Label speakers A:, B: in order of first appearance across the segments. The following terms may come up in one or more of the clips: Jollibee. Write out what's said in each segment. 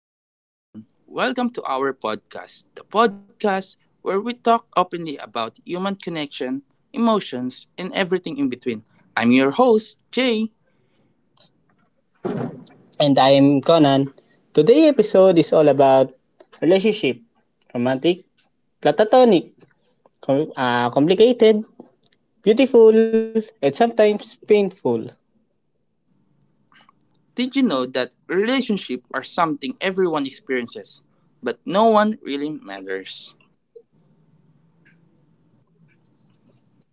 A: good evening, everyone. Welcome to our podcast, the podcast where we talk openly about human connection, emotions, and everything in between. I'm your host, Jay.
B: And I'm Conan. Today's episode is all about relationship, romantic, platonic, complicated, beautiful, and sometimes painful.
A: Did you know that relationships are something everyone experiences, but no one really matters?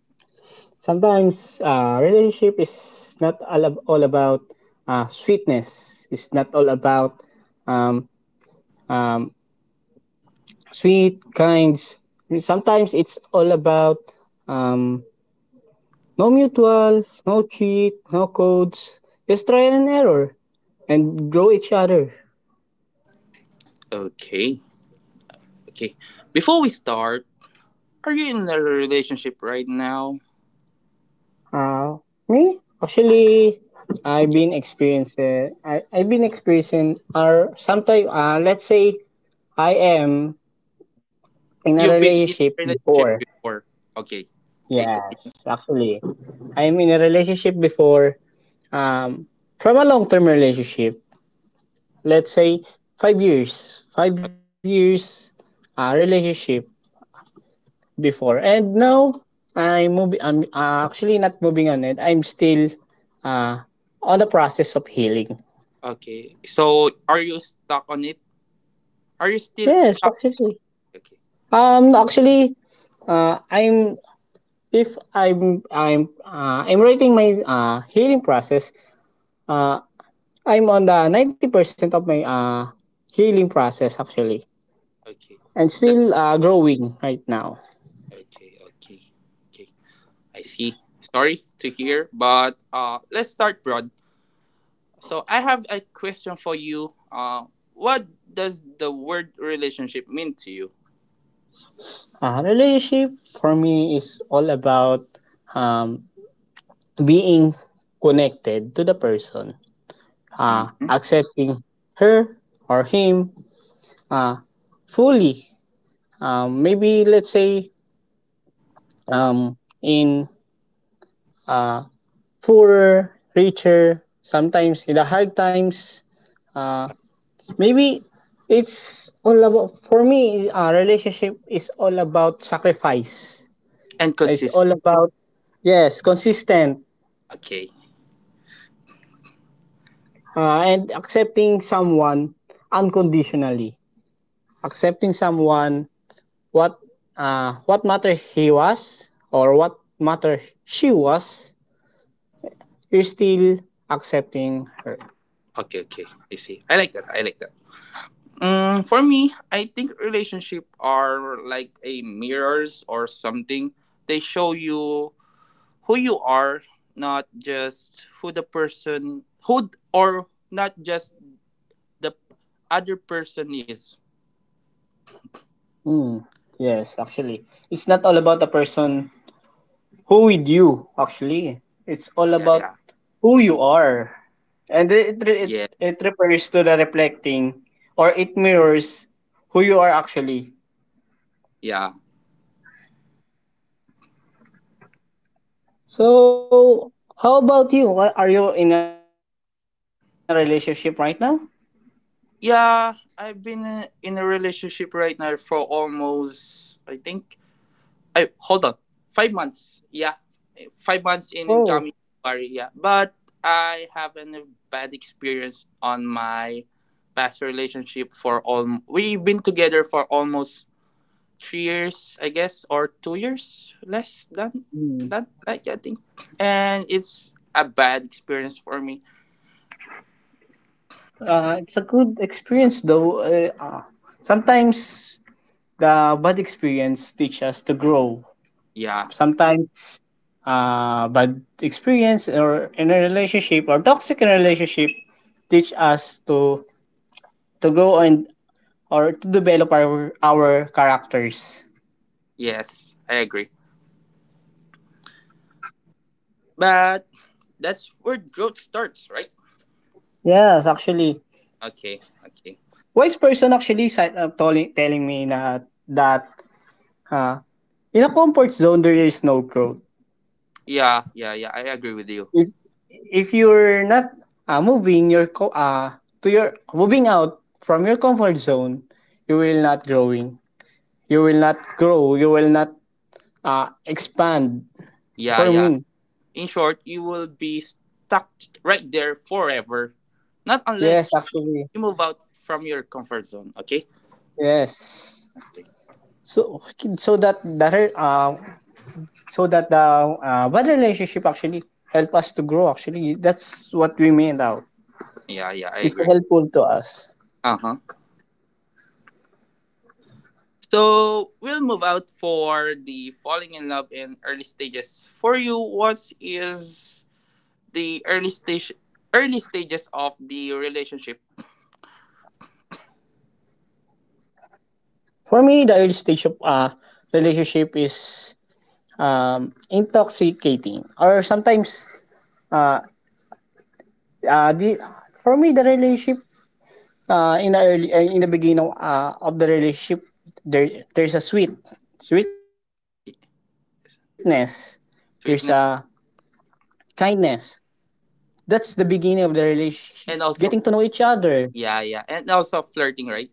B: Sometimes relationship is not all about sweetness. It's not all about um, um, sweet kinds. Sometimes it's all about um, no mutual, no cheat, no codes. Just trial and error and grow each other.
A: Okay, okay. Before we start, are you in a relationship right now?
B: Uh, Me? Actually,
A: Yeah.
B: I've been experiencing, or sometimes, let's say, I am in a
A: You've been in
B: relationship
A: a relationship
B: before.
A: before. Okay, okay, continue.
B: Yes, actually. I'm in a relationship before, um, from a long-term relationship. Let's say, 5 years. 5 years, relationship before. And now I'm moving. I'm actually not moving on it. I'm still uh, on the process of healing.
A: Okay. So are you stuck on it? Are you still
B: Yes,
A: stuck?
B: actually.
A: Okay.
B: Um, actually, I'm if I'm I'm writing my healing process. Uh, I'm on the 90% of my healing process, actually,
A: Okay.
B: and
A: That's
B: still growing right now.
A: okay. Okay. Okay. I see. Sorry to hear, but let's start broad. So I have a question for you. What does the word relationship mean to you?
B: Relationship for me is all about um, being connected to the person,
A: Mm-hmm.
B: accepting her or him uh, fully. Maybe let's say in uh, poorer, richer, sometimes in the hard times, uh, maybe it's all about, for me, relationship is all about sacrifice.
A: And
B: It's
A: consistent.
B: all about, yes, consistent
A: Okay.
B: and accepting someone unconditionally. Accepting someone, what what matter he was or what matter she was, you're still accepting her.
A: Okay. Okay. I see. I like that. I like that. For me, I think relationship are like a mirrors or something. They show you who you are, not just who the person who or not just the other person is.
B: Mm, yes, actually, it's not all about the person who with you, actually. It's all
A: Yeah,
B: about
A: yeah,
B: who you are. And
A: yeah,
B: it refers to the reflecting, or it mirrors who you are, actually.
A: yeah.
B: So how about you? Are you in a relationship right now?
A: Yeah, I've been in a relationship right now for almost, I think, I hold on, 5 months. Yeah, 5 months in
B: Oh.
A: incoming January. Yeah, but I have a bad experience on my past relationship for all. We've been together for almost 3 years, I guess, or 2 years less than that. Like I think, and it's a bad experience for me.
B: It's a good experience though. Sometimes the bad experience teach us to grow.
A: Yeah.
B: Sometimes bad experience, or in a relationship, or toxic in a relationship, teach us to grow, and or to develop our characters.
A: Yes, I agree. But that's where growth starts, right?
B: Yes, actually,
A: Okay. Okay.
B: wise person actually telling me na that uh, in a comfort zone there is no growth.
A: Yeah. Yeah. Yeah. I agree with you.
B: if if you're not moving your to your moving out from your comfort zone, you will not growing, you will not grow, you will not expand
A: Yeah.
B: for
A: Yeah.
B: me.
A: In short, you will be stuck right there forever, not
B: Yes,
A: unless
B: actually,
A: you move out from your comfort zone. Okay.
B: yes. So so that that so that the bad relationship actually help us to grow, actually. That's what we made out.
A: Yeah. Yeah. I
B: It's
A: agree.
B: helpful to us.
A: Uh huh. So we'll move out for the falling in love in early stages. For you, what is the early stage early stages of the relationship?
B: For me, the early stage of relationship is intoxicating, or sometimes uh, the for me the relationship in the early, in the beginning of the relationship, there's a sweetness, there's a
A: Sweetness
B: kindness. That's the beginning of the relationship, getting to know
A: and
B: each
A: also
B: other.
A: yeah, yeah. And also flirting, right?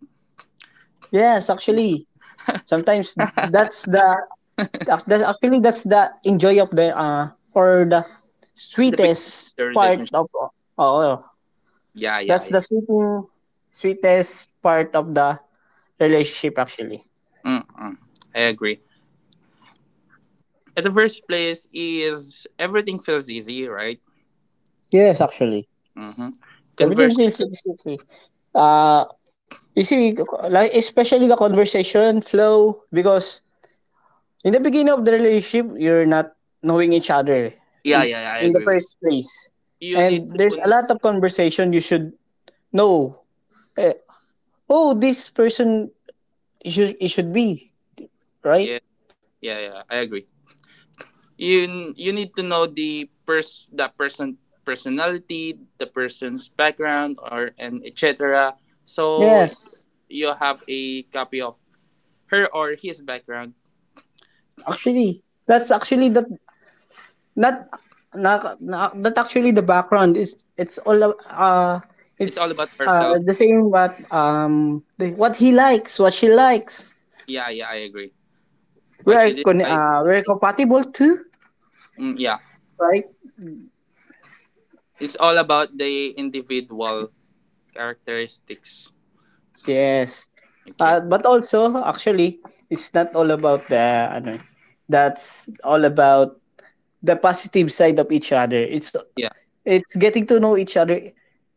B: Yes, actually,
A: Yeah.
B: sometimes that's the that's the enjoy of the or the
A: The beginning of
B: sweetest
A: the
B: part
A: relationship.
B: of. Oh.
A: Yeah, yeah,
B: That's the
A: yeah.
B: sweeting, sweetest part of the relationship, actually.
A: Mm-mm. I agree. At the first place is everything feels easy, right?
B: Yes, actually.
A: Mm-hmm.
B: Everything
A: Converse.
B: feels like sweet. Uh, you see, like especially the conversation flow because in the beginning of the relationship, you're not knowing each other
A: Yeah,
B: in,
A: yeah, yeah, I
B: in the
A: agree with
B: first place,
A: you. You need
B: and
A: to
B: there's a
A: know.
B: lot of conversation you should know. Eh, oh, this person, it should be right.
A: Yeah, yeah, yeah. I agree. You need to know the pers that person personality, the person's background, or and etc. So
B: Yes,
A: you have a copy of her or his background.
B: actually, that's actually the... Not, not that, actually. The background is, it's all
A: It's all about
B: it's
A: herself.
B: the same. What what he likes, what she likes.
A: Yeah, yeah, I agree. What she did like.
B: We're compatible too,
A: Yeah.
B: right?
A: It's all about the individual characteristics.
B: Yes,
A: Okay.
B: but also, actually, it's not all about the ano, that's all about the positive side of each other. it's
A: Yeah,
B: it's getting to know each other,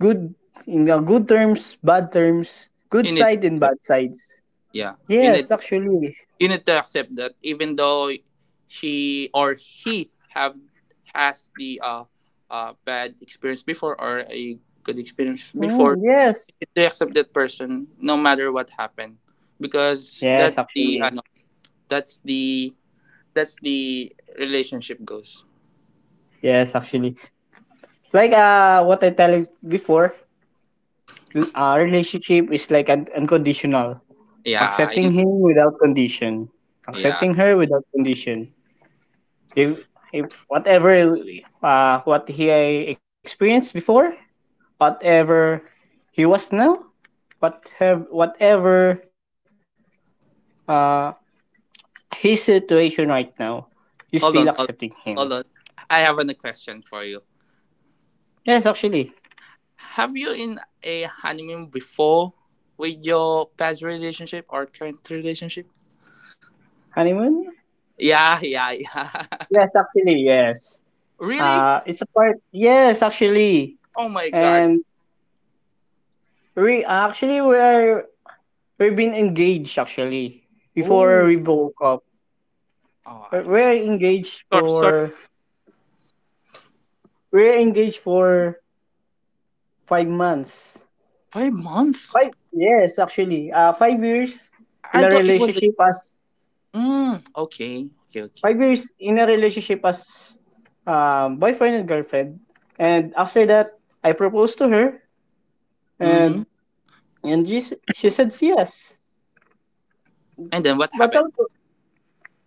B: good in good terms, bad terms, good
A: you need to
B: side and
A: accept.
B: bad sides.
A: Yeah, you
B: Yes,
A: need
B: actually.
A: to accept that, even though she or he have has the bad experience before or a good experience before.
B: Mm,
A: You
B: yes.
A: need to accept that person no matter what happened,
B: Yes,
A: because that's
B: actually.
A: the ano that's the that's the relationship goes.
B: Yes, actually. Like what I tell you before, relationship is like unconditional.
A: Yeah.
B: Accepting him without condition.
A: Yeah,
B: Accepting her without condition. If, if whatever what he experienced before, whatever he was now, whatever whatever uh his situation right now, you
A: hold on,
B: still
A: hold on,
B: accepting
A: hold
B: him.
A: on. I have a question for you.
B: Yes, actually.
A: Have you in a honeymoon before with your past relationship or current relationship?
B: Honeymoon?
A: Yeah, yeah, yeah.
B: Yes, actually, yes.
A: Really?
B: It's a part. Yes, actually,
A: Oh my god.
B: and we actually we're we've been engaged actually before
A: Oh,
B: we broke up.
A: oh,
B: We're
A: I'm
B: we're
A: sorry, sorry.
B: engaged for 5 months.
A: 5 months?
B: Five, yes, actually, 5 years in
A: I
B: a
A: thought it was.
B: relationship as
A: Mm, okay, okay, okay.
B: 5 years in a relationship as boyfriend and girlfriend, and after that I proposed to her,
A: Mm-hmm.
B: and she said yes.
A: And then what
B: But
A: happened?
B: also,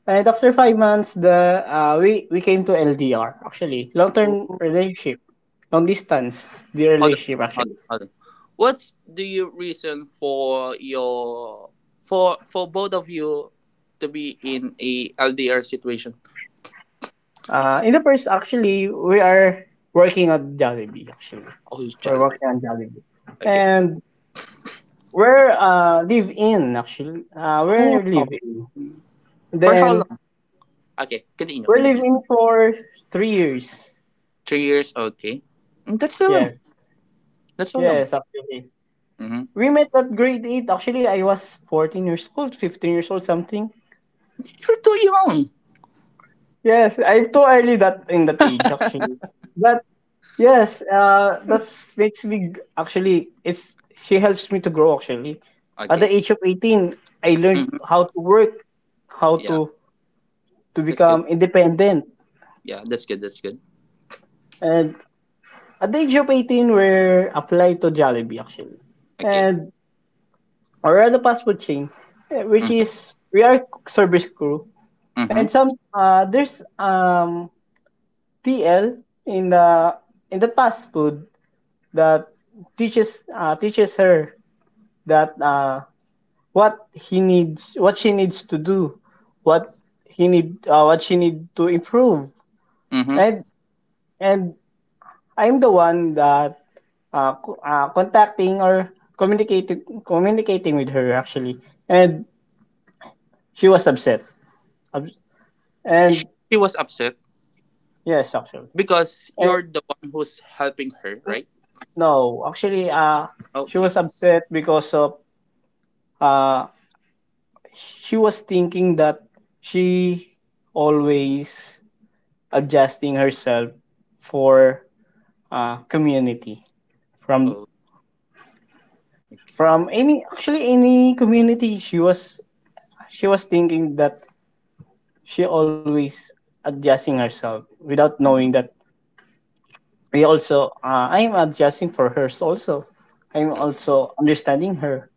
B: and after 5 months, the we came to LDR, actually, long term
A: Oh,
B: relationship, long distance the
A: hold on,
B: relationship,
A: hold on,
B: actually.
A: hold on. What's the reason for both of you to be in a LDR situation?
B: In the first actually, we are working on Jollibee, actually,
A: Oh, you
B: we're
A: Jollibee.
B: working on Jollibee,
A: Okay.
B: and we're live in, actually,
A: Oh, for how
B: then
A: long? Okay, continue,
B: we're
A: continue.
B: living for 3 years.
A: 3 years. Okay. That's so long.
B: Yes,
A: That's so long.
B: yes, actually.
A: Mm-hmm.
B: We met at grade eight. Actually, I was 14 years old, 15 years old, something.
A: You're too young.
B: Yes, I'm too early that in that age, actually. But yes, that makes me g- actually it's she helps me to grow, actually. At the
A: Okay.
B: age of 18, I learned
A: Hmm.
B: how to work, how
A: Yeah,
B: to
A: that's good.
B: become independent.
A: Yeah, that's good. That's good.
B: And at the age of 18, we're applied to Jollibee, actually.
A: Okay.
B: And or at the fast food chain, eh, which
A: Mm-hmm.
B: is we are service crew.
A: Mm-hmm.
B: And some there's TL in the fast food that teaches her that, what he needs, what she needs to do, what he need, what she need to improve.
A: Mm-hmm.
B: And and I'm the one that contacting or communicating with her, actually. And she was upset. Ups- and
A: She was upset
B: yes, actually,
A: because
B: and
A: you're the one who's helping her, right?
B: no, actually, she
A: Okay.
B: was upset because of uh she was thinking that she always adjusting herself for community from
A: Oh. Okay.
B: any actually any community. She was thinking that she always adjusting herself without knowing
A: Mm-hmm.
B: that we also I'm adjusting for hers also, I'm
A: Right.
B: also understanding her,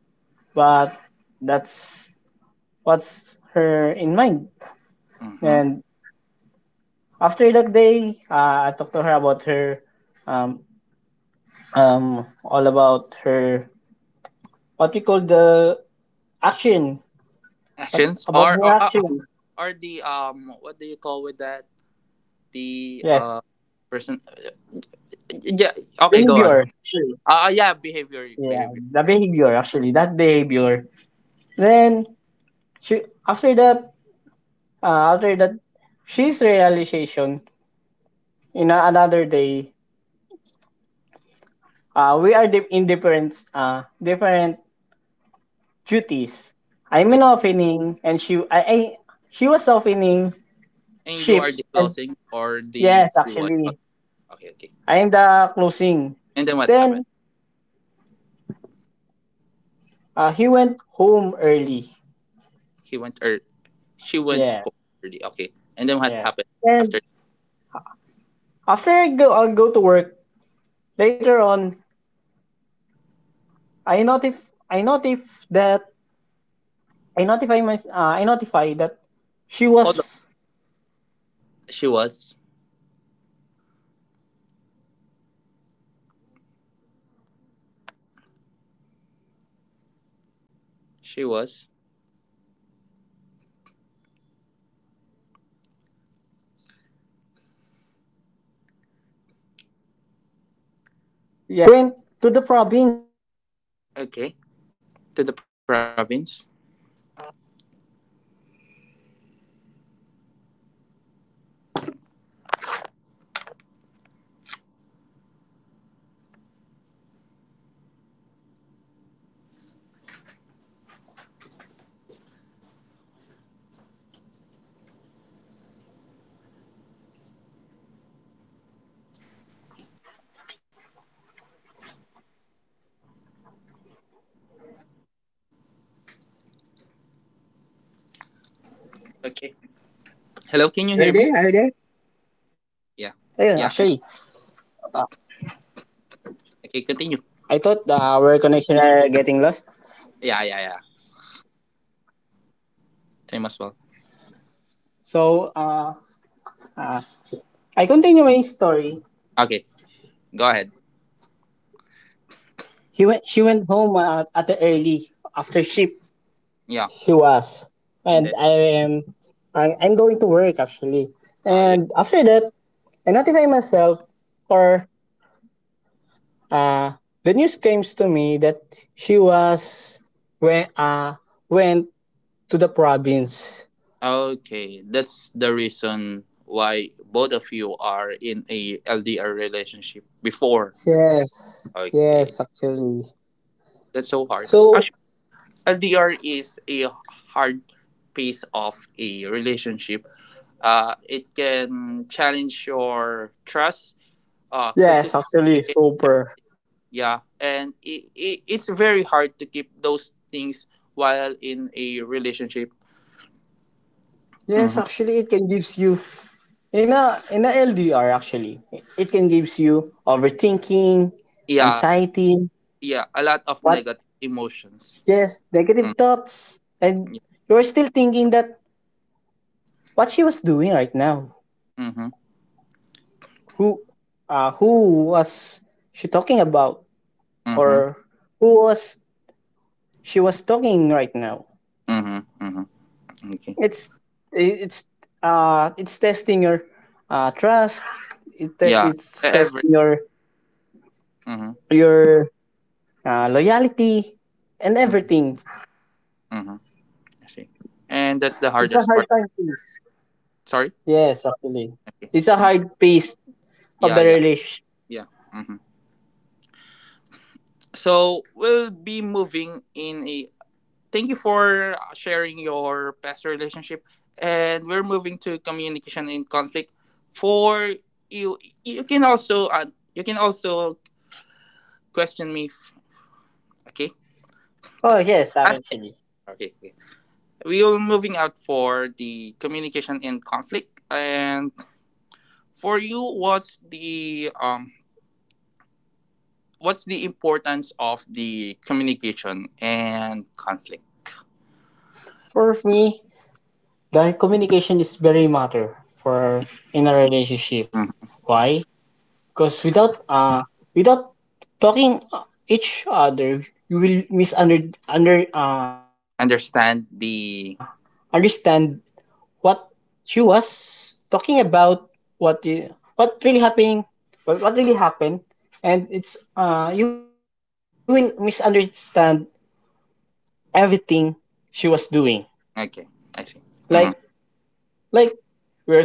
B: but that's what's her in mind.
A: Mm-hmm.
B: And after that day, I talked to her about her, um, all about her, what we call the action, but
A: Actions
B: about
A: are
B: her
A: are are
B: actions.
A: are the what do you call with that, the
B: Yes,
A: person? Yeah, okay, go
B: behavior,
A: on.
B: actually.
A: Yeah, behavior,
B: Yeah,
A: behavior,
B: the
A: right.
B: behavior, actually, that behavior. Then she, after that, she's realization in another day. We are in different duties. I'm
A: Okay.
B: in opening, and she I she was opening
A: And you are
B: ship.
A: the
B: And...
A: closing or the
B: Yes,
A: Q I.
B: actually.
A: Okay, okay, okay.
B: I am the closing.
A: And then what happened?
B: Then he went home early.
A: He went, or she went
B: Yeah,
A: home early. Okay. And then what
B: yes.
A: happened
B: And
A: after?
B: after I go, I'll go to work later on. I notif I notif that I notify that she
A: Hold on.
B: was...
A: She was.
B: yes, she was went to the province from the he was she was
A: She was.
B: after that.
A: Okay. To the province. Okay. Hello. Can you hear
B: Are
A: me?
B: they? Are they?
A: Yeah.
B: Ayun, actually,
A: Yeah. I'm,
B: uh,
A: okay. Continue.
B: I thought our connection are getting lost.
A: Yeah. Yeah. Yeah. Time as well.
B: So, I continue my story.
A: Okay. Go ahead.
B: He went, she went home at the early after shift.
A: Yeah.
B: She was.
A: And then.
B: And I am, I'm going to work, actually.
A: Uh, you,
B: And after that, I notify myself, or uh, the news came to me that she was went uh went to the province.
A: okay. That's the reason why both of you are in a LDR relationship before.
B: Yes,
A: Okay.
B: yes, actually.
A: That's so hard.
B: So
A: Actually. LDR is a hard piece of a relationship. It can challenge your trust,
B: yes,
A: consistency.
B: actually, super.
A: Yeah, and it's very hard to keep those things while in a relationship.
B: Yes,
A: Mhm.
B: actually, it can gives you... In a LDR, actually, it can gives you overthinking,
A: Yeah,
B: anxiety,
A: yeah, a lot of
B: what,
A: negative emotions.
B: just
A: Mm,
B: negative thoughts, and
A: yeah.
B: you're still thinking that, what she was doing right now,
A: Mm-hmm.
B: who, who was she talking about,
A: Mm-hmm.
B: or who was she was talking right now.
A: Mm-hmm. Mm-hmm. Okay.
B: It's it's it's testing your trust. It te-
A: Yeah.
B: it's
A: Every.
B: testing your
A: Mm-hmm.
B: your loyalty and everything.
A: Mm-hmm. Mm-hmm, I see. And that's the
B: It's a
A: hardest
B: hard
A: part.
B: time pace.
A: Sorry.
B: Yes, actually.
A: Okay.
B: It's a
A: Mm.
B: hard piece of
A: Yeah.
B: the
A: Yeah.
B: relationship.
A: Yeah. hmm So we'll be moving in a. Thank you for sharing your past relationship, and we're moving to communication in conflict. For you, you can also question me. If, okay.
B: Oh, yes,
A: Ask me.
B: actually.
A: Okay, okay. We will moving out for the communication in conflict, and for you, what's the importance of the communication and conflict?
B: For me, the communication is very matter for in a relationship. Why? Because without talking each other, you will misunder under
A: Understand
B: understand
A: the.
B: what she was talking about, what the, what really happened, what really happened, and it's you will misunderstand everything she was doing.
A: Okay,
B: Like,
A: I see. Hmm.
B: like we're cooking,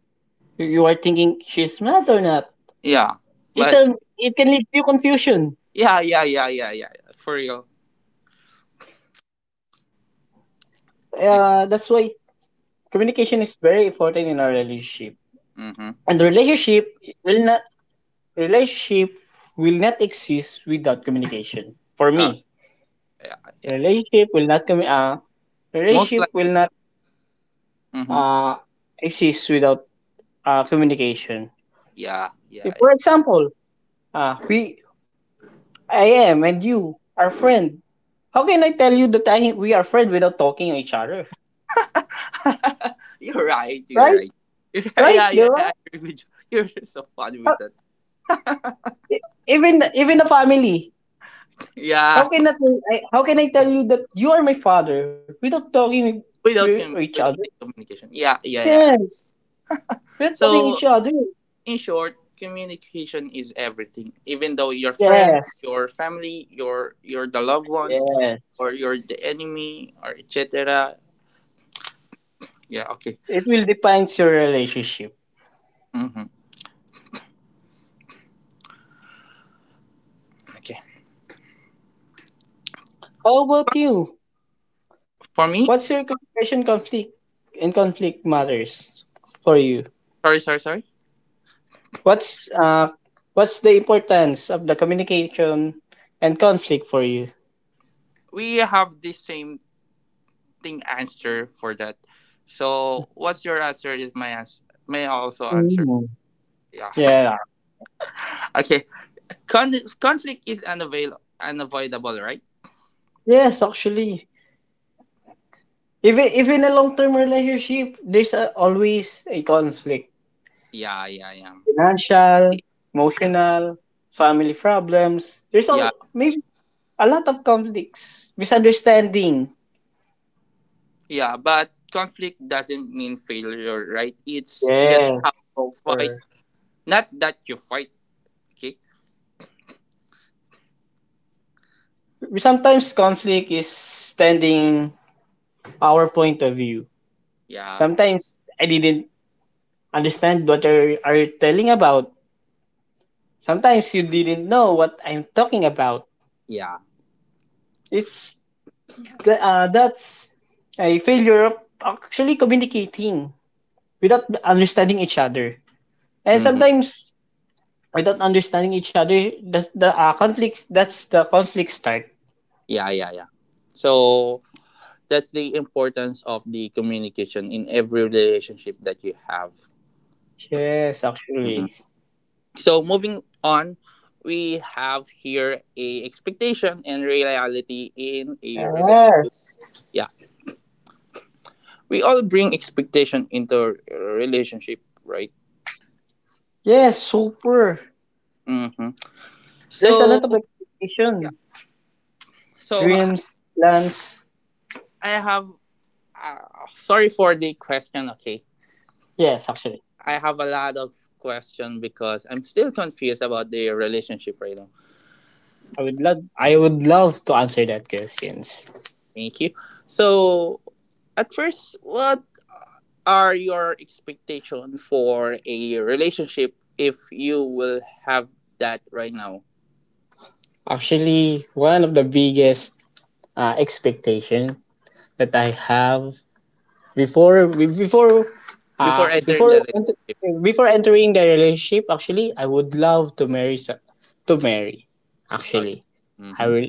B: you are thinking she's mad or not.
A: Yeah,
B: It's a,
A: but
B: it can lead to confusion,
A: yeah, yeah, yeah, yeah, yeah, yeah, for real.
B: that's why
A: Okay.
B: communication is very important in our relationship. And the
A: Mm-hmm.
B: relationship will not... Relationship will not exist without communication. For
A: uh,
B: me,
A: yeah, yeah,
B: relationship will not commu- uh,
A: most
B: relationship
A: like.
B: will not
A: Mm-hmm.
B: uh, exist without communication.
A: Yeah, yeah,
B: If,
A: yeah.
B: for example, we I am and you are friend. How can I tell you that I we are friend without talking to each other?
A: You're right, you're
B: Right?
A: right. You're right. Yeah,
B: Right?
A: yeah, yeah,
B: Diba?
A: I agree with you. You're so funny
B: How,
A: with that.
B: even a family.
A: Yeah,
B: How can I, how can I tell you that you are my father without talking
A: without
B: to each other?
A: without the communication. Yeah, yeah, yeah.
B: Yes. We're talking
A: So,
B: each other.
A: in short, communication is everything, even though your friends,
B: Yes,
A: your family, your the loved ones,
B: yes.
A: or you're the enemy, or et cetera. Yeah, okay.
B: It will defines your relationship.
A: Hmm. Okay.
B: How about you?
A: For me,
B: What's your communication conflict and conflict matters for you?
A: sorry, sorry, sorry,
B: What's uh what's the importance of the communication and conflict for you?
A: we have the same thing answer for that, so what's your answer is my answer. May I also answer?
B: Mm.
A: Yeah.
B: Yeah.
A: Okay. Conflict is unavoidable, right?
B: Yes, actually. Even if in a long term relationship, there's a, always a conflict.
A: Yeah, yeah, yeah. I-
B: Financial, emotional, family problems. There's all
A: yeah,
B: maybe a lot of conflicts, misunderstanding.
A: yeah, but conflict doesn't mean failure, right? It's just how
B: Yes,
A: you fight,
B: over.
A: not that you fight. Okay.
B: Sometimes conflict is standing our point of view.
A: Yeah,
B: Sometimes I didn't understand what are you telling about. Sometimes you didn't know what I'm talking about.
A: yeah.
B: It's that's a failure of actually communicating without understanding each other. And
A: Mm-hmm.
B: sometimes without understanding each other, that's the conflicts. That's the conflict start.
A: Yeah, yeah, yeah. So that's the importance of the communication in every relationship that you have.
B: Yes,
A: Mhm.
B: actually.
A: So, moving on, we have here a expectation and reality in a relationship.
B: Yes.
A: Yeah, we all bring expectation into a relationship, right?
B: Yes, super.
A: Mm-hmm.
B: There's a
A: So
B: lot of
A: yeah.
B: expectation,
A: So
B: dreams, plans.
A: I have. Sorry for the question. Okay,
B: Yes, actually.
A: I have a lot of question because I'm still confused about the relationship right now.
B: I would love to answer that questions.
A: Thank you. So, at first, what are your expectations for a relationship if you will have that right now
B: Actually, one of the biggest expectation that I have before be- before
A: before entering the
B: before ent-
A: relationship?
B: before entering the relationship, actually, I would love to marry.
A: Out.
B: Actually, i
A: Mm-hmm.
B: will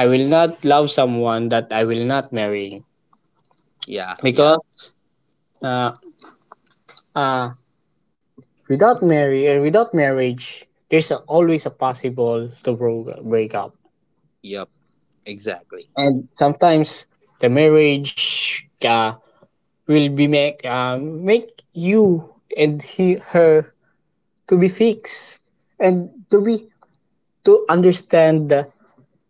B: I will not love someone that I will not marry.
A: Yeah, yeah,
B: Because uh uh without marry and without marriage, there's a, always a possible to break up.
A: yep, exactly.
B: And sometimes the marriage will be make make you and he her to be fixed and to be to understand that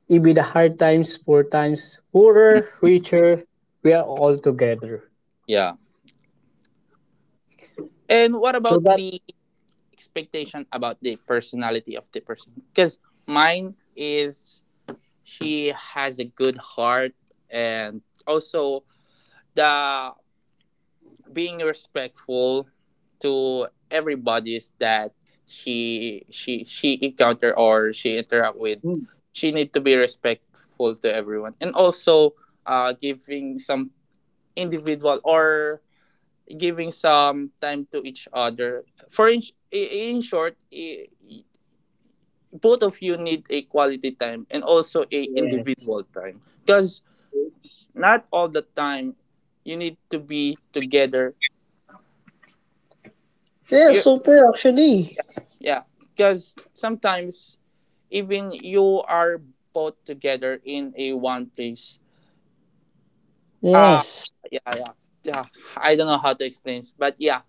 B: even the hard times, poor times, poorer,
A: Mm,
B: richer, we are all together.
A: yeah. And what
B: So
A: about
B: that.
A: the expectation about the personality of the person? Because mine is she has a good heart, and also the being respectful to everybody's that she encounter or she interact with.
B: Mm,
A: She need to be respectful to everyone, and also giving some individual, or giving some time to each other, for in short, both of you need a quality time, and also a
B: yeah.
A: individual time, because not all the time you need to be together.
B: Yeah,
A: You
B: super actually.
A: Yeah, because sometimes even you are both together in a one place. Ah,
B: Yes.
A: yeah, yeah, yeah. I don't know how to explain this, but yeah,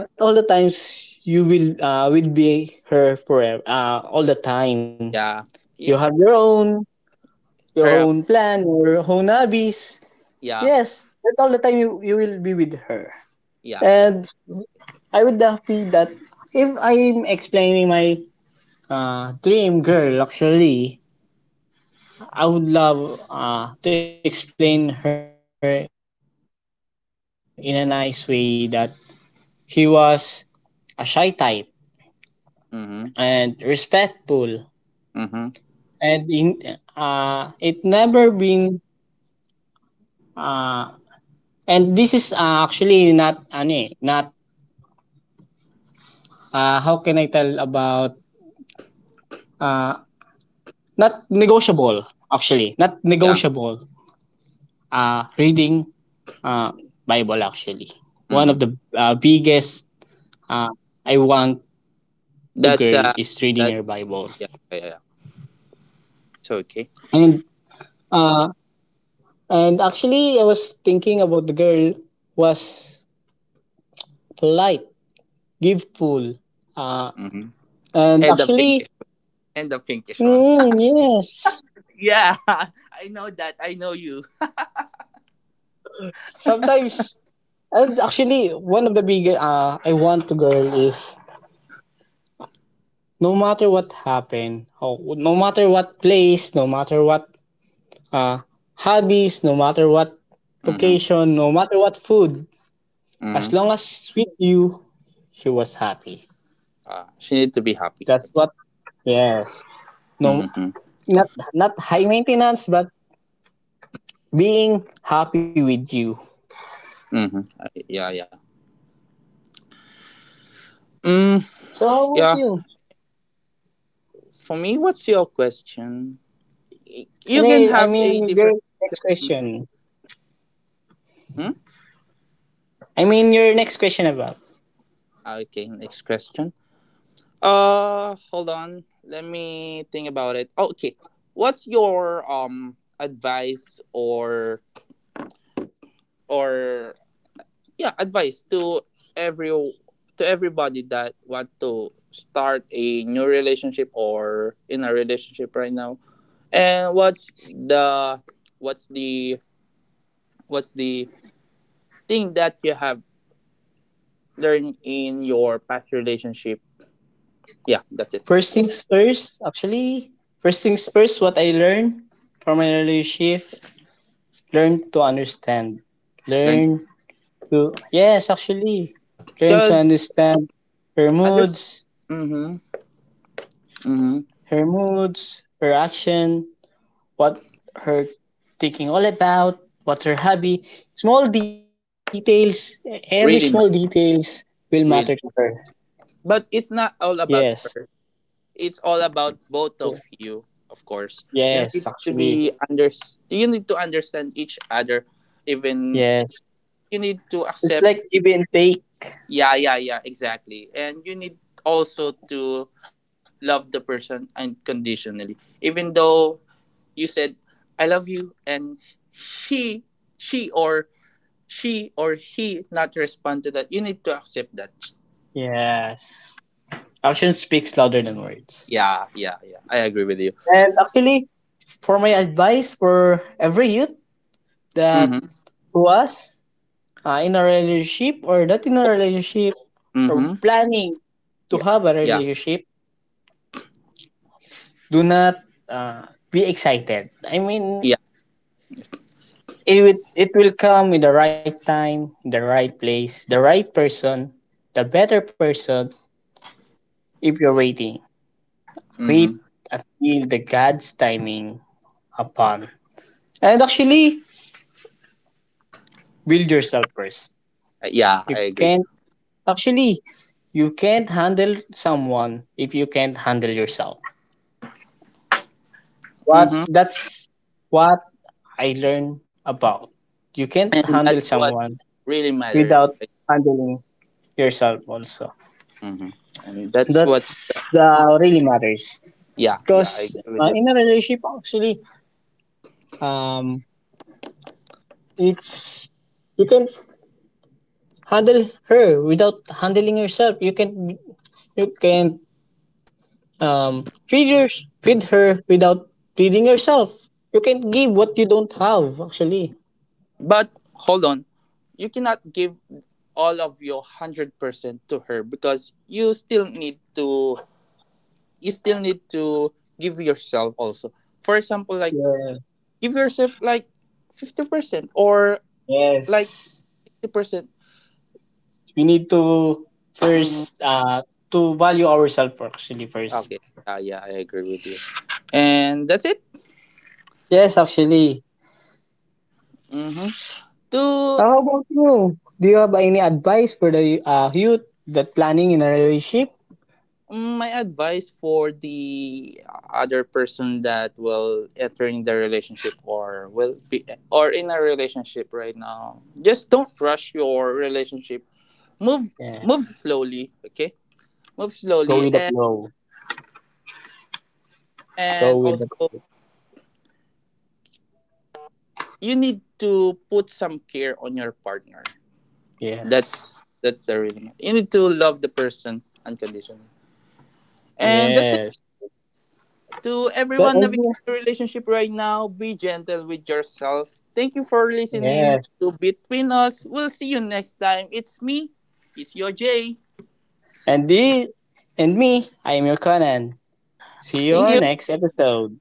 B: Not all the times you will be her forever. Uh, all the time.
A: yeah.
B: You have
A: Y-
B: your
A: Her,
B: own
A: hab-
B: plan, your own hobbies.
A: yeah,
B: Yes, not all the time you will be with her.
A: yeah, yeah.
B: And I would happy that if I'm explaining my dream girl, actually, I would love to explain her in a nice way that he was a shy type
A: Mhm,
B: and respectful.
A: mhm,
B: and in, it never been uh, and this is actually not ano eh, not how can I tell about, uh, not negotiable. Actually, not
A: yeah,
B: negotiable reading uh, Bible actually. One of
A: mhm.
B: the biggest uh, I want to
A: That's uh,
B: girl is reading
A: that's.
B: her Bible.
A: Yeah, yeah, yeah. It's okay.
B: And uh, and actually I was thinking about the girl was polite, give full. Uh,
A: Mhm. And the
B: and
A: pinkish,
B: actually,
A: and the pinkish one.
B: mm, yes.
A: Yeah, I know that. I know you.
B: Sometimes and actually one of the big, I want to girl is no matter what happened, oh, no matter what place, no matter what uh, hobbies, no matter what
A: Mhm,
B: location, no matter what food, as long
A: mhm.
B: as with you, she was happy.
A: Ah, she need to be
B: That's
A: happy.
B: what,
A: Okay.
B: yes. No,
A: Mhm,
B: not, not high maintenance, but being happy with you.
A: mhm. Yeah, yeah. Mm,
B: So how about
A: yeah,
B: you?
A: for me, what's your question? You can
B: Hey, I
A: have
B: mean,
A: a
B: your
A: different
B: next
A: question from me.
B: question.
A: Hmm?
B: I mean, your next question about
A: Okay, next question. Hold on. Let me think about it. Okay, what's your advice or, yeah, advice every to everybody that want to start a new relationship or in a relationship right now? And what's the what's the thing that you have learn in your past relationship. Yeah, that's it.
B: first things first. Actually, first things first. What I learned from my relationship, learn to understand,
A: Learn
B: learn to, yes, actually, learn to
A: because
B: understand her
A: understand.
B: moods,
A: Mm-hmm, mm-hmm.
B: her action, what her thinking all about, what's her hobby. Small details, every small
A: Really, man,
B: details will matter to
A: really.
B: her.
A: But it's not all
B: Yes,
A: about her. It's all about both of you, of course. You
B: yes,
A: need to
B: actually,
A: be under. You need to understand each other. Even
B: yes.
A: you need to
B: It's
A: accept.
B: like give and take.
A: Yeah, yeah, yeah. Exactly. And you need also to love the person unconditionally, even though you said I love you and she she or she or he not respond to that. You need to accept that.
B: Yes. Action speaks louder than words.
A: Yeah, yeah, yeah, I agree with you.
B: And actually, for my advice for every youth that
A: Mm-hmm,
B: to us, in a relationship or not in a relationship or
A: mm-hmm.
B: planning
A: Yeah,
B: to have a
A: yeah,
B: relationship, do not be excited. I
A: yeah.
B: mean, it will come in the right time, in the right place, the right person, the better person if you're waiting. Wait
A: Mm-hmm.
B: until the God's timing upon. And actually, build yourself first.
A: Yeah, I
B: You
A: agree.
B: can't, actually, you can't handle someone if you can't handle yourself. What
A: Mm-hmm.
B: that's what I learned about. You can't
A: And
B: handle
A: that's what
B: someone
A: really matter,
B: without
A: right?
B: handling yourself also.
A: Mm-hmm. And that's what's,
B: That's the really matters.
A: yeah, yeah, I
B: Because
A: agree with you.
B: in a relationship actually, um, it's you can handle her without handling yourself. You can um feed her feed her without feeding yourself. You can give what you don't have actually.
A: But hold on, you cannot give all of your 100% to her, because you still need to you still need to give yourself also. For example, like
B: Yeah.
A: give yourself like 50%, or like
B: Yes.
A: 60%.
B: We need to
A: Mm-hmm.
B: first to value ourselves actually first.
A: Okay. Yeah, yeah, I agree with you. And that's it.
B: Yes, actually.
A: Mm-hmm. To
B: How about you? Do you have any advice for the youth that planning in a relationship?
A: my advice for the other person that will entering the relationship, or will be, or in a relationship right now: just don't rush your relationship. Move, move
B: Yes.
A: slowly. Okay, move
B: Go
A: slowly,
B: with the
A: and
B: flow. Go with the,
A: also you need to put some care on your partner.
B: yes.
A: That's the reason. You need to love the person unconditionally. And that's it.
B: Yes.
A: To
B: That,
A: everyone navigating the relationship right now, be gentle with yourself. Thank you for listening
B: yes.
A: to Between Us. We'll see you next time. It's me, it's your Jay.
B: And the and me, I am your Conan. See you
A: Thank
B: our
A: you.
B: next episode.